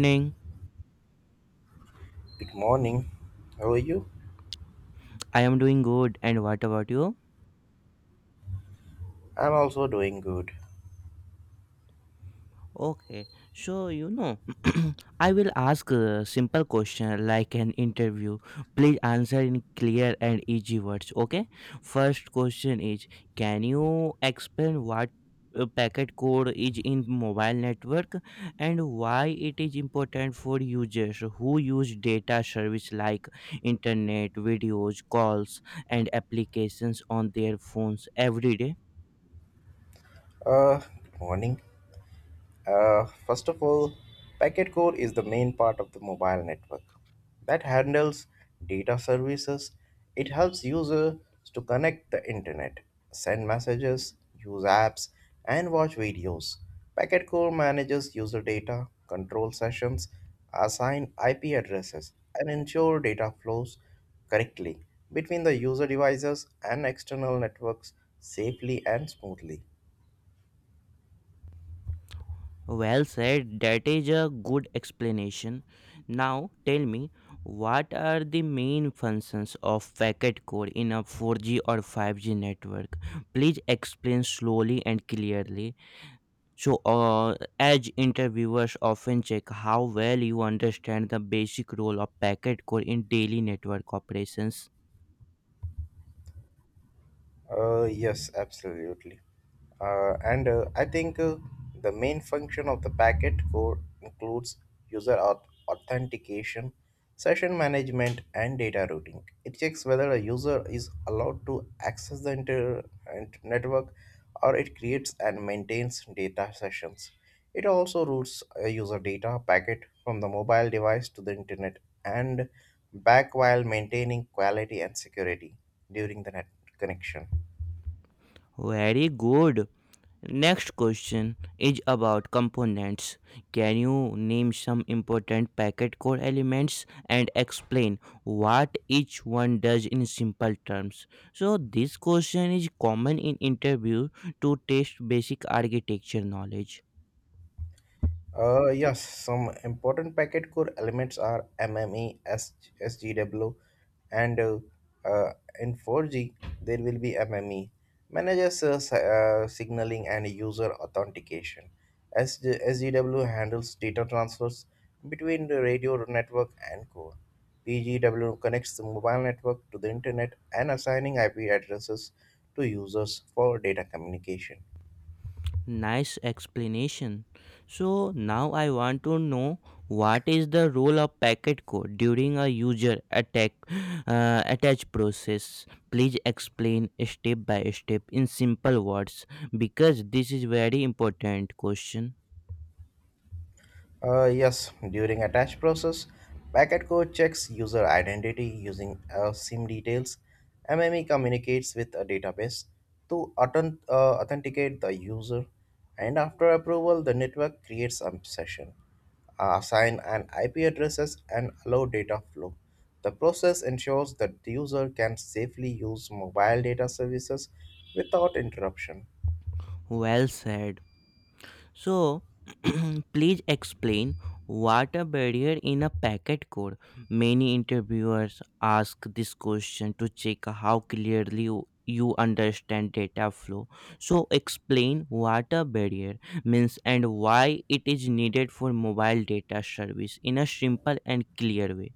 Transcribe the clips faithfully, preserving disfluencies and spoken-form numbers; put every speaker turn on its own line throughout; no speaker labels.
Morning.
Good morning. How are you?
I am doing good. And what about you?
I'm also doing good.
Okay. So, you know, I will ask a simple question like an interview. Please answer in clear and easy words. Okay. First question is, can you explain what uh, packet code is in mobile network and why it is important for users who use data service like internet videos calls and applications on their phones every day?
Uh, good morning. Uh, first of all, packet core is the main part of the mobile network that handles data services. It helps users to connect the internet, send messages, use apps, and watch videos. Packet core manages user data, control sessions, assign I P addresses, and ensure data flows correctly between the user devices and external networks safely and smoothly.
Well said, that is a good explanation. Now tell me, what are the main functions of packet core in a four G or five G network? Please explain slowly and clearly. So, uh, as interviewers often check how well you understand the basic role of packet core in daily network operations.
Uh, yes, absolutely. Uh, and uh, I think uh, the main function of the packet core includes user auth- authentication, session management, and data routing. It checks whether a user is allowed to access the inter- int- network, or it creates and maintains data sessions. It also routes a user data packet from the mobile device to the internet and back while maintaining quality and security during the net connection.
Very good. Next question is about components. Can you name some important packet core elements and explain what each one does in simple terms? So this question is common in interview to test basic architecture knowledge.
Uh, yes, some important packet core elements are M M E, S- SGW, and uh, uh, in four G there will be M M E, manages uh, si- uh, signaling and user authentication. S G- S G W handles data transfers between the radio network and core. P G W connects the mobile network to the internet and assigning I P addresses to users for data communication.
Nice explanation. So now I want to know what is the role of packet code during a user attack, uh, attach process. Please explain step by step in simple words because this is very important question.
Uh, yes, during attach process, packet code checks user identity using uh, SIM details. M M E communicates with a database to authen- uh, authenticate the user, and after approval, the network creates a session, uh, assign an I P addresses, and allow data flow. The process ensures that the user can safely use mobile data services without interruption.
Well said. So, please explain what a barrier in a packet code. Many interviewers ask this question to check how clearly you you understand data flow. So, explain what a barrier means and why it is needed for mobile data service in a simple and clear way.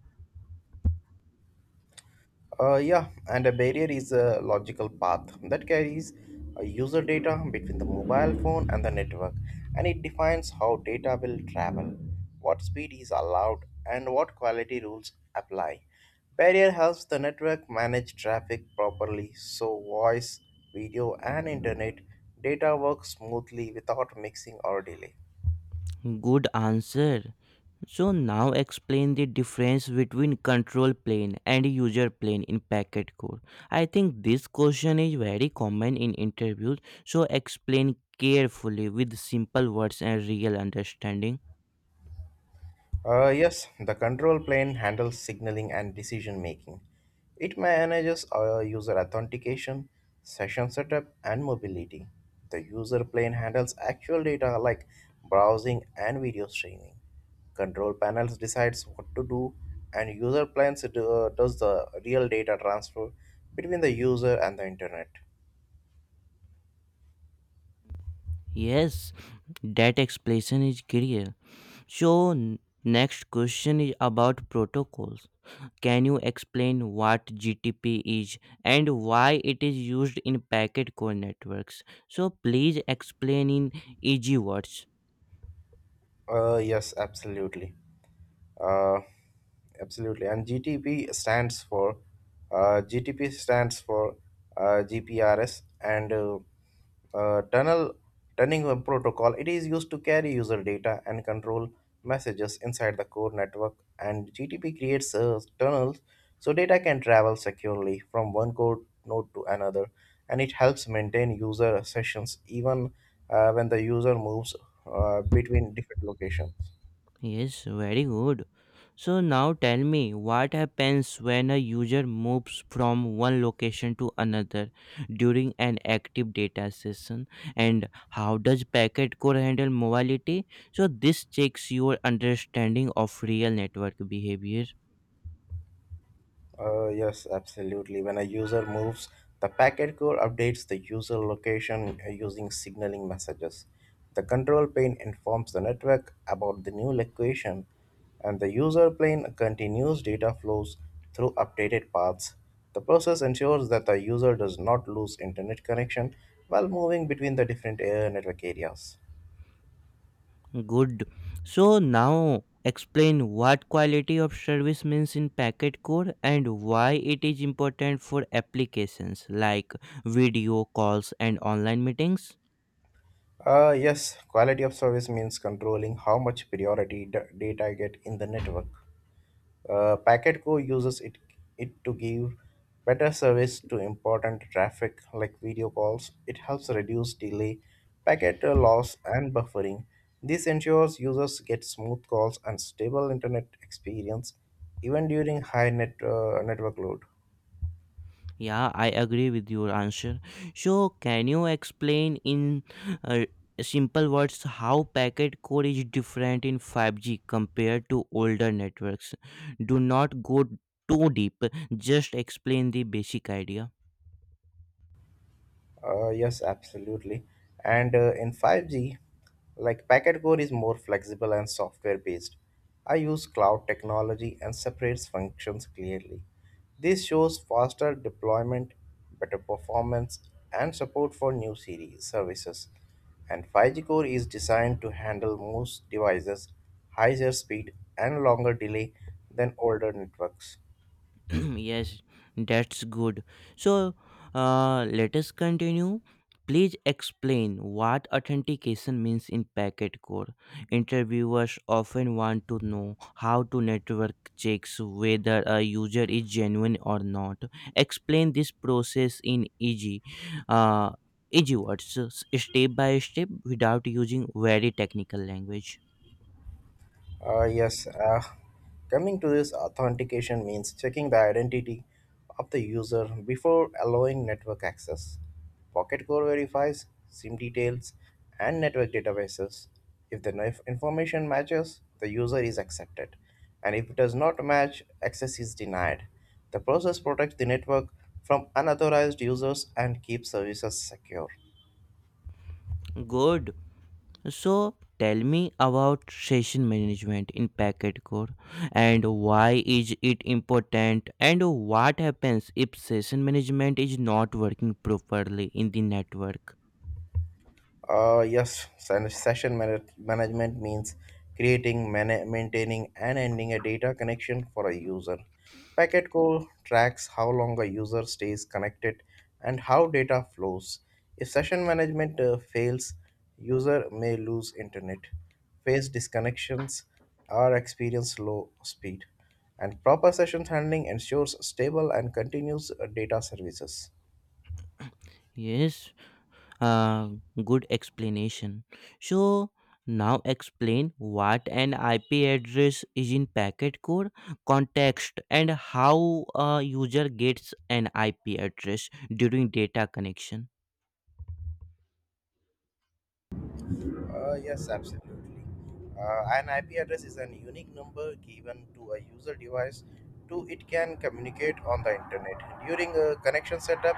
Uh, yeah, and a barrier is a logical path that carries uh, user data between the mobile phone and the network, and it defines how data will travel, what speed is allowed, and what quality rules apply. Barrier helps the network manage traffic properly so voice, video, and internet data work smoothly without mixing or delay.
Good answer. So now explain the difference between control plane and user plane in packet core. I think this question is very common in interviews, so explain carefully with simple words and real understanding.
Uh, yes, the control plane handles signaling and decision making. It manages uh, user authentication, session setup, and mobility. The user plane handles actual data like browsing and video streaming. Control panels decides what to do, and user plans do, does the real data transfer between the user and the internet.
Yes, that explanation is clear. So n- Next question is about protocols. Can you explain what G T P is and why it is used in packet core networks? So please explain in easy words.
Uh, yes, absolutely. Uh, Absolutely. And G T P stands for uh, G T P stands for uh, G P R S and uh, uh, tunnel turning web protocol. It is used to carry user data and control messages inside the core network. And G T P creates uh, tunnels so data can travel securely from one core node to another. And it helps maintain user sessions even uh, when the user moves uh, between different locations.
Yes, very good. So now tell me what happens when a user moves from one location to another during an active data session, and how does packet core handle mobility? So this checks your understanding of real network behavior.
Uh, yes, absolutely. When a user moves, the packet core updates the user location uh, using signaling messages. The control plane informs the network about the new location, and the user plane continues data flows through updated paths. The process ensures that the user does not lose internet connection while moving between the different uh, network areas.
Good. So now explain what quality of service means in packet core and why it is important for applications like video calls and online meetings.
Uh, yes, quality of service means controlling how much priority d- data get in the network. Uh, Packetco uses it, it to give better service to important traffic like video calls. It helps reduce delay, packet uh, loss, and buffering. This ensures users get smooth calls and stable internet experience even during high net, uh, network load.
Yeah, I agree with your answer. So can you explain in uh, simple words how packet core is different in five G compared to older networks? Do not go too deep. Just explain the basic idea.
Uh, yes, absolutely. And uh, In five G, like packet core is more flexible and software based. I use cloud technology and separates functions clearly. This shows faster deployment, better performance, and support for new series services. And five G core is designed to handle most devices, higher speed, and longer delay than older networks.
Yes, that's good. So, uh, let us continue. Please explain what authentication means in packet core. Interviewers often want to know how to network checks whether a user is genuine or not. Explain this process in easy, uh, easy words, s- step by step, without using very technical language.
Uh, yes, uh, Coming to this, authentication means checking the identity of the user before allowing network access. Pocket Core verifies SIM details and network databases. If the nif- information matches, the user is accepted, and if it does not match, access is denied. The process protects the network from unauthorized users and keeps services secure.
Good. So tell me about session management in Packet Core, and why is it important, and what happens if session management is not working properly in the network.
Uh, yes, sen- session mana- management means creating, mana- maintaining, and ending a data connection for a user. Packet call tracks how long a user stays connected and how data flows. If session management uh, fails, user may lose internet, face disconnections, or experience low speed. And proper session handling ensures stable and continuous uh, data services.
Yes, uh, good explanation. So now explain what an I P address is in Packet Core context and how a user gets an I P address during data connection.
Uh, yes, absolutely. Uh, an I P address is a unique number given to a user device to it can communicate on the internet. During a connection setup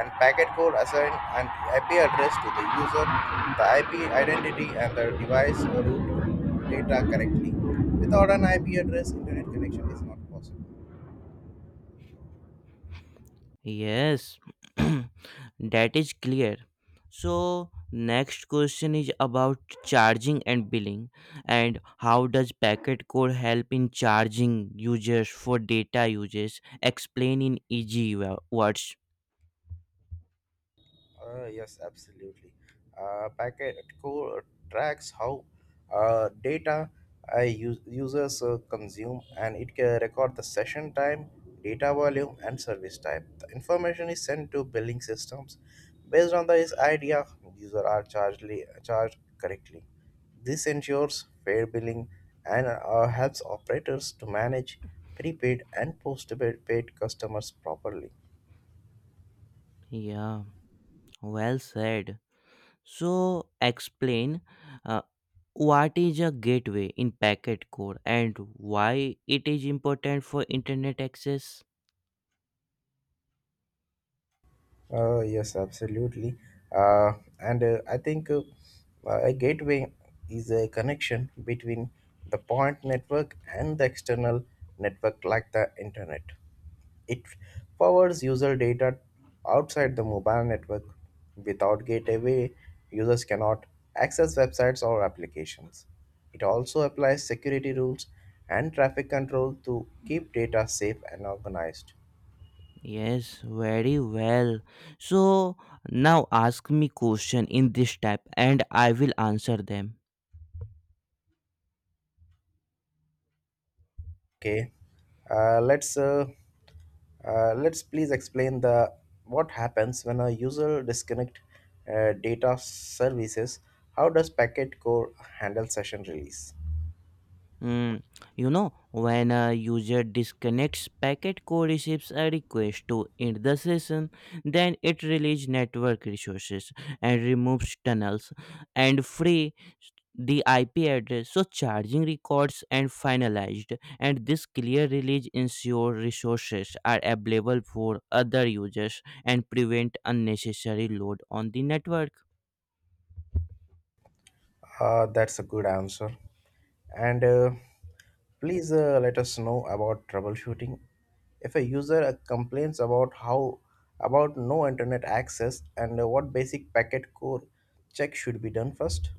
and packet code assign an I P address to the user, the I P identity and the device route data correctly. Without an I P address, internet connection is not possible.
Yes, that is clear. So, next question is about charging and billing, and how does packet code help in charging users for data uses? Explain in easy wo- words.
Uh, yes, absolutely. Uh, packet core tracks how uh, data uh, us- users uh, consume, and it can record the session time, data volume, and service type. The information is sent to billing systems. Based on this idea, users are charged, charged correctly. This ensures fair billing and uh, helps operators to manage prepaid and postpaid paid customers properly.
Yeah, well said. So, explain uh, what is a gateway in packet core and why it is important for internet access.
Uh, yes, absolutely. Uh, and uh, I think uh, a gateway is a connection between the point network and the external network, like the internet. It powers user data outside the mobile network. Without gateway, users cannot access websites or applications. It also applies security rules and traffic control to keep data safe and organized.
Yes, very well. So now ask me question in this type and I will answer them.
Okay, uh, let's uh, uh, let's please explain the what happens when a user disconnect uh, data services. How does packet core handle session release?
Mm, you know, when a user disconnects, packet core receives a request to end the session. Then it releases network resources and removes tunnels and free the I P address. So charging records and finalized. And this clear release ensure resources are available for other users and prevent unnecessary load on the network.
Uh, that's a good answer. And uh, Please uh, let us know about troubleshooting. If a user uh, complains about how about no internet access, and uh, what basic packet core check should be done first.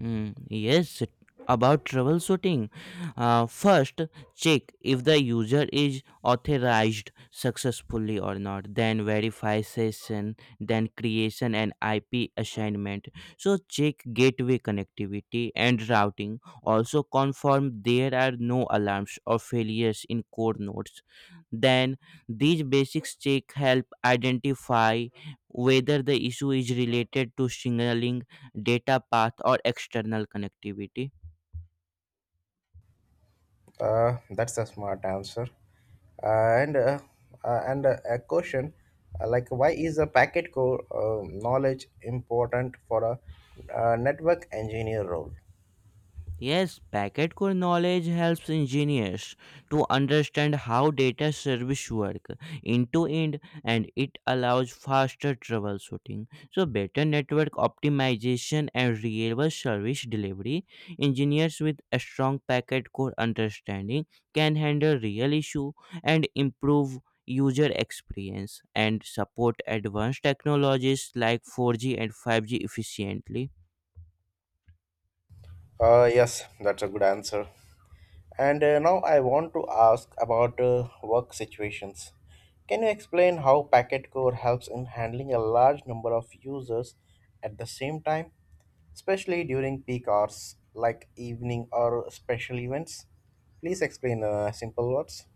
Mm, yes, about troubleshooting. Uh, first, check if the user is authorized successfully or not. Then verify session, then creation and I P assignment. So check gateway connectivity and routing. Also confirm there are no alarms or failures in core nodes. Then these basics check help identify whether the issue is related to signaling data path or external connectivity.
Uh, that's a smart answer. Uh, and uh, uh, and uh, A question uh, like, why is a packet core uh, knowledge important for a uh, network engineer role?
Yes, packet core knowledge helps engineers to understand how data service work end to end, and it allows faster troubleshooting. So better network optimization and reliable service delivery. Engineers with a strong packet core understanding can handle real issue and improve user experience and support advanced technologies like four G and five G efficiently.
Uh, yes, that's a good answer. And uh, Now I want to ask about uh, work situations. Can you explain how Packet Core helps in handling a large number of users at the same time, especially during peak hours like evening or special events? Please explain uh, simple words.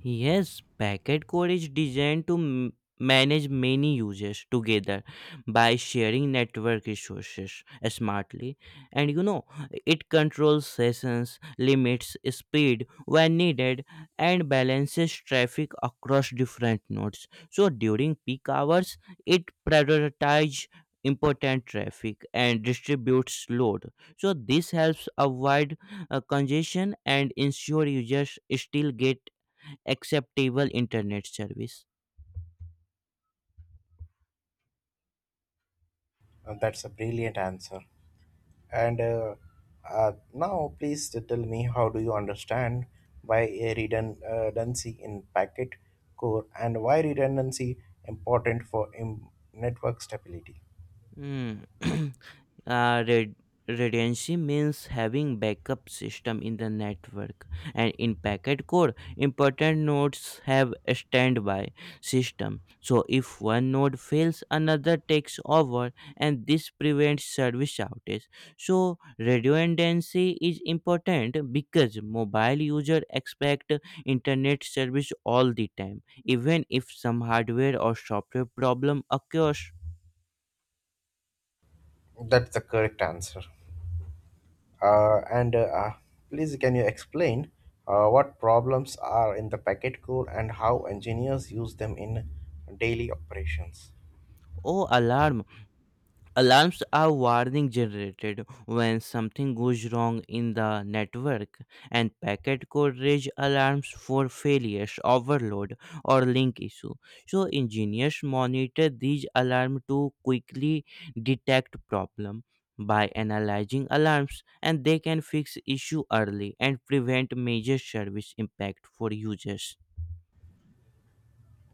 Yes, packet core is designed to m- manage many users together by sharing network resources smartly. And you know, it controls sessions, limits speed when needed, and balances traffic across different nodes. So during peak hours, it prioritizes important traffic and distributes load. So this helps avoid uh, congestion and ensure users still get acceptable internet service.
Uh, that's a brilliant answer. And uh, uh, Now, please tell me, how do you understand why a redun- uh, redundancy in packet core, and why redundancy important for im- network stability?
Mm. uh, red- Redundancy means having backup system in the network, and in packet core important nodes have a standby system, so if one node fails another takes over, and this prevents service outage. So redundancy is important because mobile user expect internet service all the time even if some hardware or software problem occurs.
That's the correct answer. Uh, and uh, uh, Please, can you explain uh, what problems are in the packet core and how engineers use them in daily operations?
Or alarm. Alarms are warning generated when something goes wrong in the network, and packet could raise alarms for failures, overload, or link issue. So engineers monitor these alarms to quickly detect problem by analyzing alarms, and they can fix issue early and prevent major service impact for users.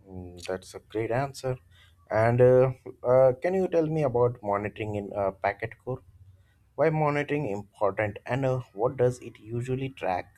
Mm, that's a great answer. And uh, uh, Can you tell me about monitoring in uh, packet core? Why monitoring important, and uh, what does it usually track?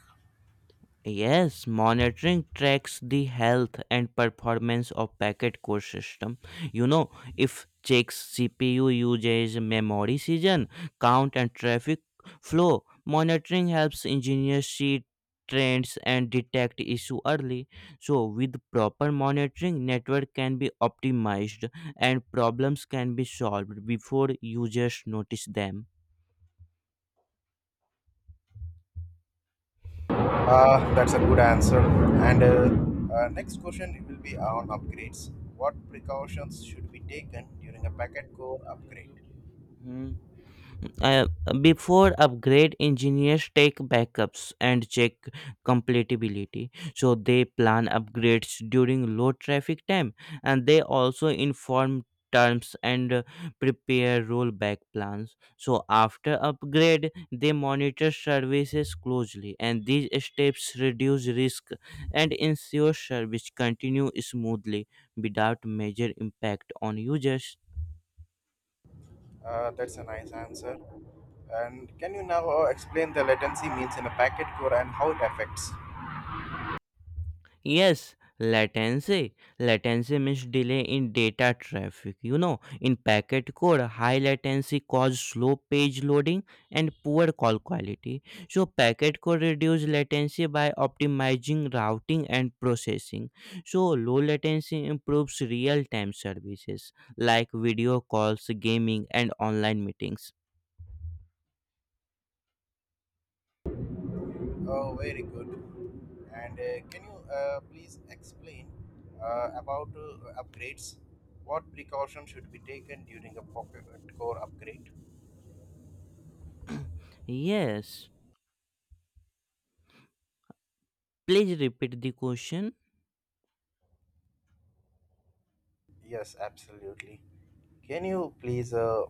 Yes, monitoring tracks the health and performance of packet core system. You know, if checks C P U usage, memory season, count and traffic flow. Monitoring helps engineers see trends and detect issue early. So with proper monitoring, network can be optimized and problems can be solved before users notice them.
Uh, that's a good answer. And uh, uh, Next question it will be on upgrades. What precautions should be taken during a packet core upgrade?
Uh, before upgrade, engineers take backups and check compatibility. So they plan upgrades during low traffic time, and they also inform terms and uh, prepare rollback plans. So after upgrade they monitor services closely, and these steps reduce risk and ensure service continue smoothly without major impact on users.
Uh, that's a nice answer. And can you now uh, explain the latency means in a packet core and how it affects?
Yes, latency. Latency means delay in data traffic. You know, in packet code, high latency causes slow page loading and poor call quality. So, packet code reduce latency by optimizing routing and processing. So, low latency improves real time services like video calls, gaming, and online meetings.
Oh, very good. And uh, Can you uh, please explain uh, about uh, upgrades? What precaution should be taken during a pocket core upgrade?
Yes, please repeat the question.
Yes, absolutely. Can you please uh,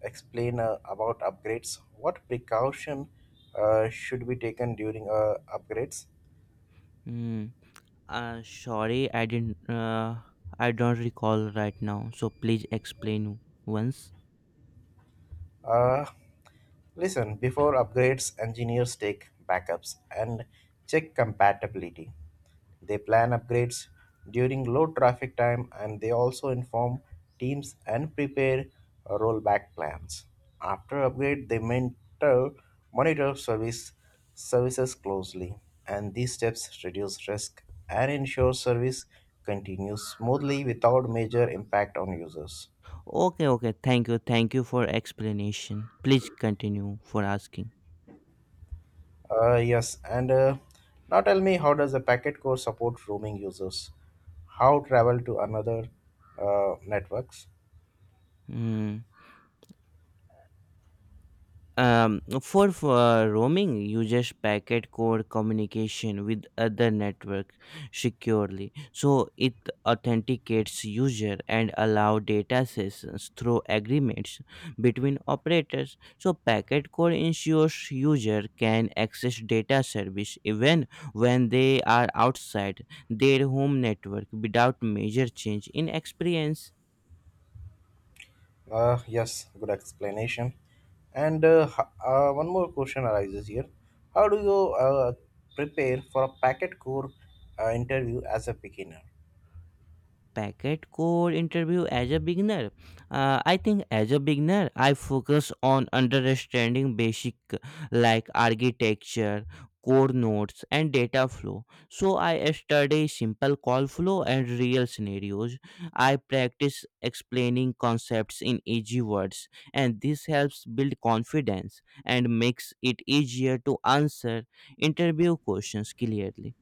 explain uh, about upgrades? What precaution uh, should be taken during uh, upgrades?
Hmm. Uh, sorry, I didn't. Uh, I don't recall right now. So please explain once.
Uh, Listen, before upgrades, engineers take backups and check compatibility. They plan upgrades during low traffic time, and they also inform teams and prepare rollback plans. After upgrade, they mentor, monitor service services closely, and these steps reduce risk and ensure service continues smoothly without major impact on users.
Okay, okay. Thank you, thank you for explanation. Please continue for asking.
Uh, yes, and uh, now tell me, how does the packet core support roaming users? How travel to another uh, networks?
Hmm. Um, for, for roaming, uses packet core communication with other networks securely. So it authenticates user and allow data sessions through agreements between operators. So packet core ensures user can access data service even when they are outside their home network without major change in experience.
Uh, yes, good explanation. And uh, h- uh, one more question arises here: how do you uh, prepare for a packet core uh, interview as a beginner?
Packet core interview as a beginner. Uh, i think as a beginner I focus on understanding basic like architecture, core nodes and data flow. So I study simple call flow and real scenarios. I practice explaining concepts in easy words, and this helps build confidence and makes it easier to answer interview questions clearly.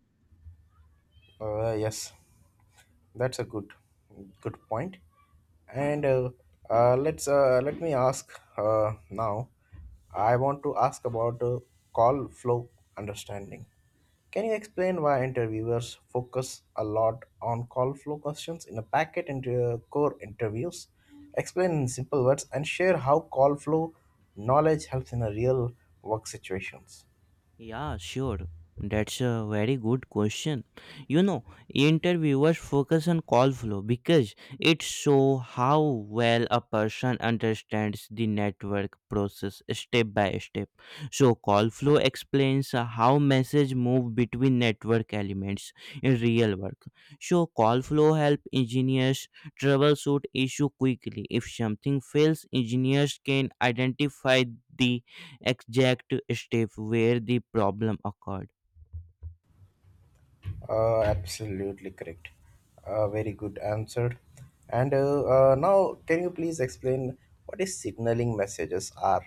Uh, yes. That's a good good point. And uh, uh, let's uh, let me ask uh, now. I want to ask about uh, call flow understanding. Can you explain why interviewers focus a lot on call flow questions in a packet and uh, core interviews? Explain in simple words and share how call flow knowledge helps in a real work situations.
Yeah, sure. That's a very good question. You know, interviewers focus on call flow because it shows how well a person understands the network process step by step. So, call flow explains uh, how message move between network elements in real work. So, call flow help engineers troubleshoot issue quickly. If something fails, engineers can identify the exact step where the problem occurred.
Uh, absolutely correct. Uh, very good answer. And uh, uh, Now, can you please explain what is signaling messages are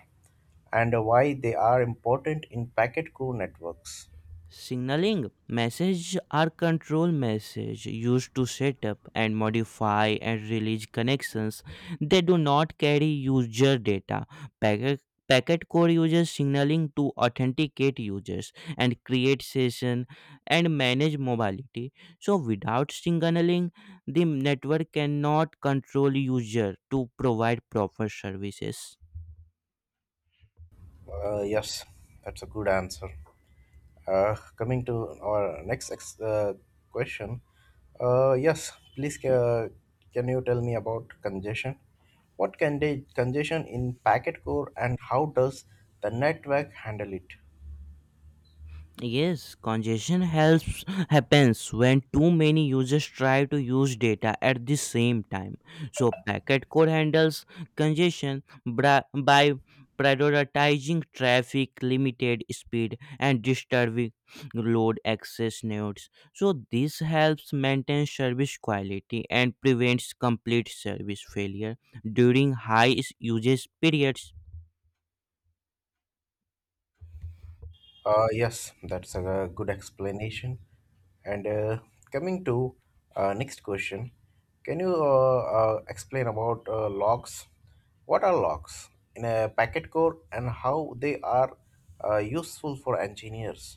and why they are important in packet core networks?
Signaling messages are control messages used to set up and modify and release connections. They do not carry user data. Packet, packet core uses signaling to authenticate users and create session and manage mobility. So without signaling, the network cannot control user to provide proper services.
Uh, yes, that's a good answer. Uh, coming to our next ex- uh, question. Uh, yes, please ca- can you tell me about congestion? What can they, congestion in packet core, and how does the network handle it?
Yes, congestion helps happens when too many users try to use data at the same time. So packet core handles congestion bra- by prioritizing traffic, limited speed, and disturbing load access nodes. So this helps maintain service quality and prevents complete service failure during high s- usage periods.
Uh, yes, that's a good explanation. And uh, Coming to uh, next question, can you uh, uh, explain about uh, logs? What are logs in a packet core and how they are uh, useful for engineers?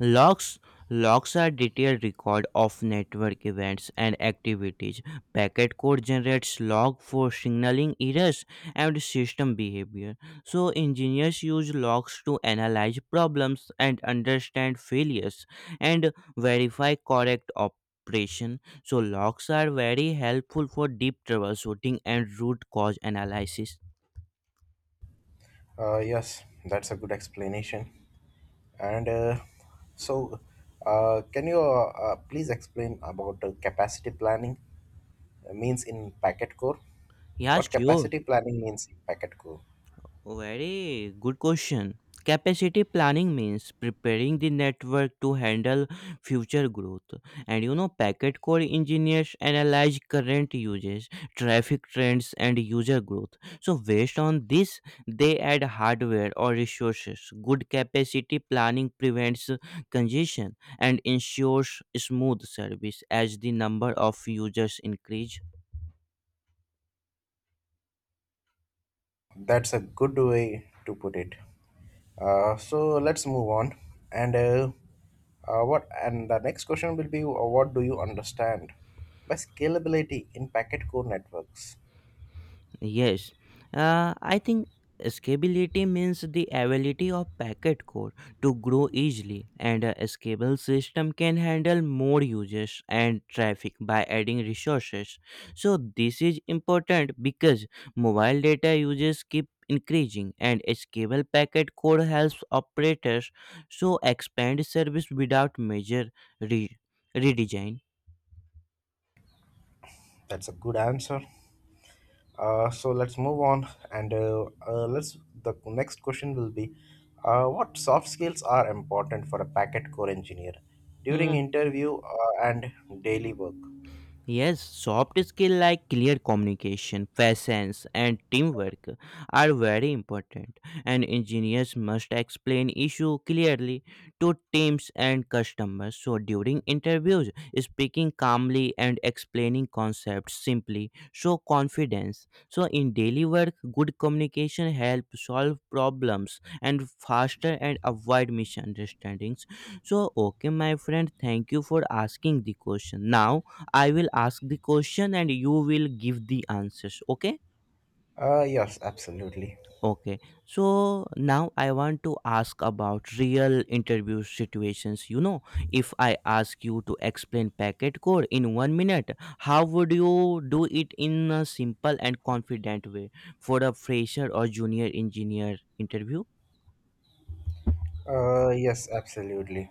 Logs Logs are detailed record of network events and activities. Packet code generates log for signaling errors and system behavior. So engineers use logs to analyze problems and understand failures and verify correct operation. So logs are very helpful for deep troubleshooting and root cause analysis.
Uh, yes, that's a good explanation. And uh, so, uh, can you uh, uh, please explain about uh, capacity planning uh, means in packet core?
Yeah,
What
sure.
capacity planning means in packet core?
Very good question. Capacity planning means preparing the network to handle future growth. And you know, packet core engineers analyze current uses, traffic trends, and user growth. So, based on this, they add hardware or resources. Good capacity planning prevents congestion and ensures smooth service as the number of users increase.
That's a good way to put it. Uh, so let's move on. And uh, uh, what? And the next question will be: uh, what do you understand by scalability in packet core networks?
Yes, uh, I think scalability means the ability of packet core to grow easily, and a scalable system can handle more users and traffic by adding resources. So, this is important because mobile data users keep increasing, and a scalable packet core helps operators so expand service without major re- redesign.
That's a good answer. Uh, so let's move on. And uh, uh, let's. The next question will be: uh, what soft skills are important for a packet core engineer
Hmm.
during interview uh, and daily work?
Yes, soft skills like clear communication, patience, and teamwork are very important, and engineers must explain issue clearly to teams and customers. So during interviews, speaking calmly and explaining concepts simply show confidence. So in daily work, good communication helps solve problems and faster and avoid misunderstandings. So okay, my friend, thank you for asking the question. Now I will ask the question and you will give the answers. Okay.
Uh, yes, absolutely.
Okay. So now I want to ask about real interview situations. You know, if I ask you to explain packet code in one minute, how would you do it in a simple and confident way for a fresher or junior engineer interview?
Uh, yes, absolutely.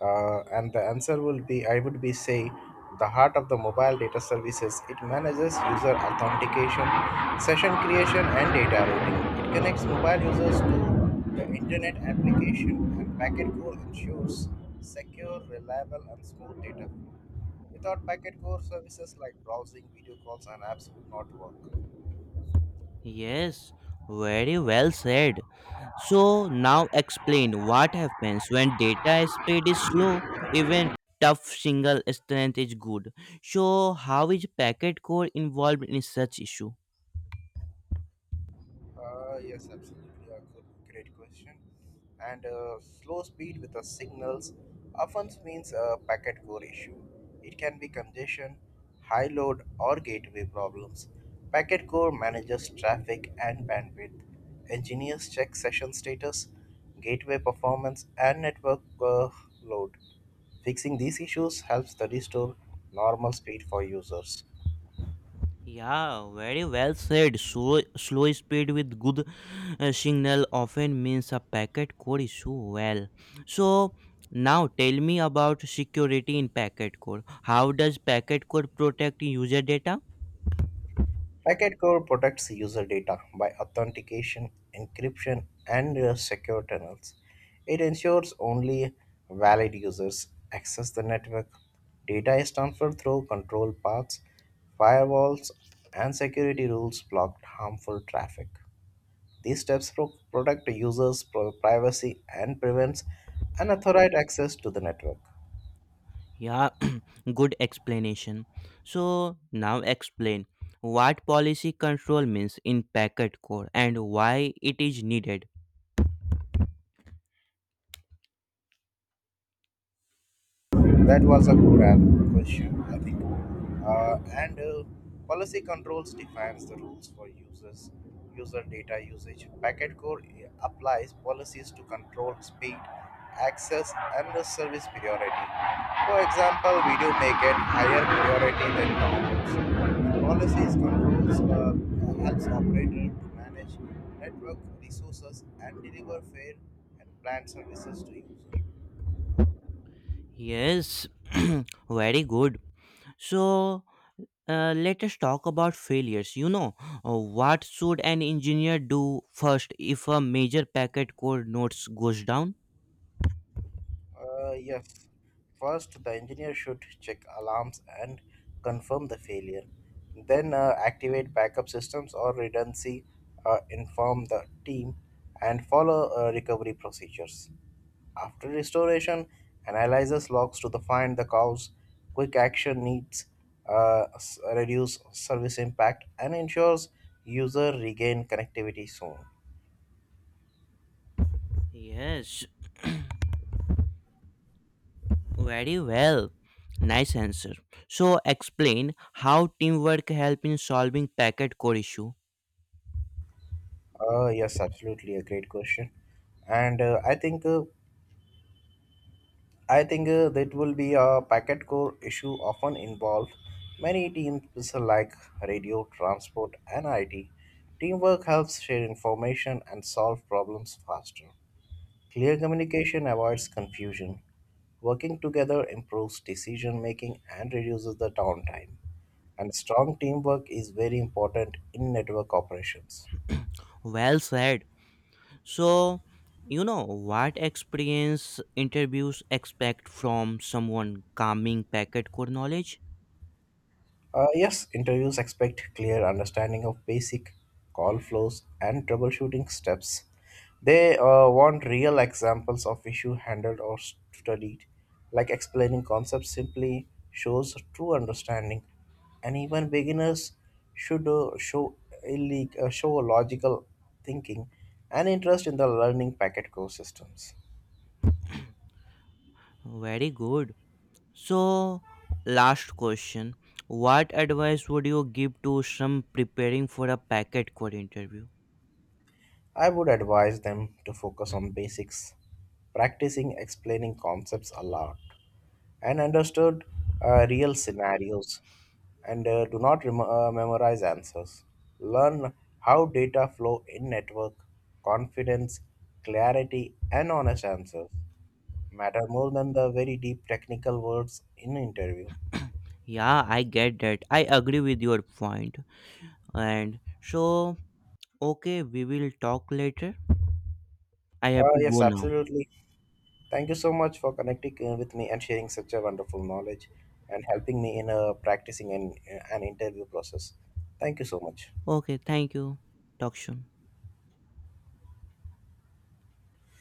Uh, and the answer will be I would be say the heart of the mobile data services. It manages user authentication, session creation, and data routing. It connects mobile users to the internet application, and Packet Core ensures secure, reliable, and smooth data flow. Without Packet Core services like browsing, video calls, and apps would not work.
Yes, very well said. So now explain what happens when data speed is slow, even tough single strength is good. So how is packet core involved in such issue?
Uh, yes, absolutely. A good, great question. And uh, slow speed with the signals often means a packet core issue. It can be congestion, high load, or gateway problems. Packet core manages traffic and bandwidth. Engineers check session status, gateway performance, and network uh, load. Fixing these issues helps the restore normal speed for users.
Yeah, very well said. Slow, slow speed with good uh, signal often means a packet core issue. Well, so now tell me about security in packet core. How does packet core protect user data?
Packet core protects user data by authentication, encryption, and uh, secure tunnels. It ensures only valid users access the network. Data is transferred through control paths, firewalls, and security rules block harmful traffic. These steps pro- protect users' pro- privacy and prevents unauthorized access to the network.
Yeah, good explanation. So now explain what policy control means in packet core and why it is needed.
That was a good uh, question, I think. Uh, and uh, policy controls defines the rules for users, user data usage. Packet core, yeah, applies policies to control speed, access, and the service priority. For example, video may get higher priority than downloads. Policies controls uh, helps operator to manage network resources and deliver fair and planned services to user.
Yes, very good. So uh, let us talk about failures. You know, uh, what should an engineer do first if a major packet core nodes goes down?
Uh, yes. First, the engineer should check alarms and confirm the failure. Then, uh, activate backup systems or redundancy, uh, inform the team, and follow uh, recovery procedures. After restoration, analyzes logs to the find the cause, quick action needs, uh, s- reduce service impact, and ensures user regain connectivity soon.
Yes, very well. Nice answer. So explain how teamwork help in solving packet core issue.
Uh, yes, absolutely, a great question. And uh, I think uh, I think uh, that will be a packet core issue often involved many teams like radio, transport, and I T. Teamwork helps share information and solve problems faster. Clear communication avoids confusion. Working together improves decision making and reduces the downtime. And strong teamwork is very important in network operations.
Well said. So, you know what experience interviews expect from someone calming packet core knowledge?
Uh, yes, interviews expect clear understanding of basic call flows and troubleshooting steps. They uh, want real examples of issue handled or studied, like explaining concepts simply shows true understanding, and even beginners should uh, show illeg- uh, show logical thinking and interest in the learning packet core systems.
Very good. So, last question, what advice would you give to some preparing for a packet core interview?
I would advise them to focus on basics, practicing explaining concepts a lot and understood uh, real scenarios and uh, do not rem- uh, memorize answers. Learn how data flow in network, confidence, clarity, and honest answers matter more than the very deep technical words in interview.
Yeah, I get that. I agree with your point. And so, okay, we will talk later. I have
Uh,
to
yes,
go now.
absolutely. Thank you so much for connecting uh, with me and sharing such a wonderful knowledge and helping me in uh, practicing an, uh, an interview process. Thank you so much.
Okay, thank you. Talk soon.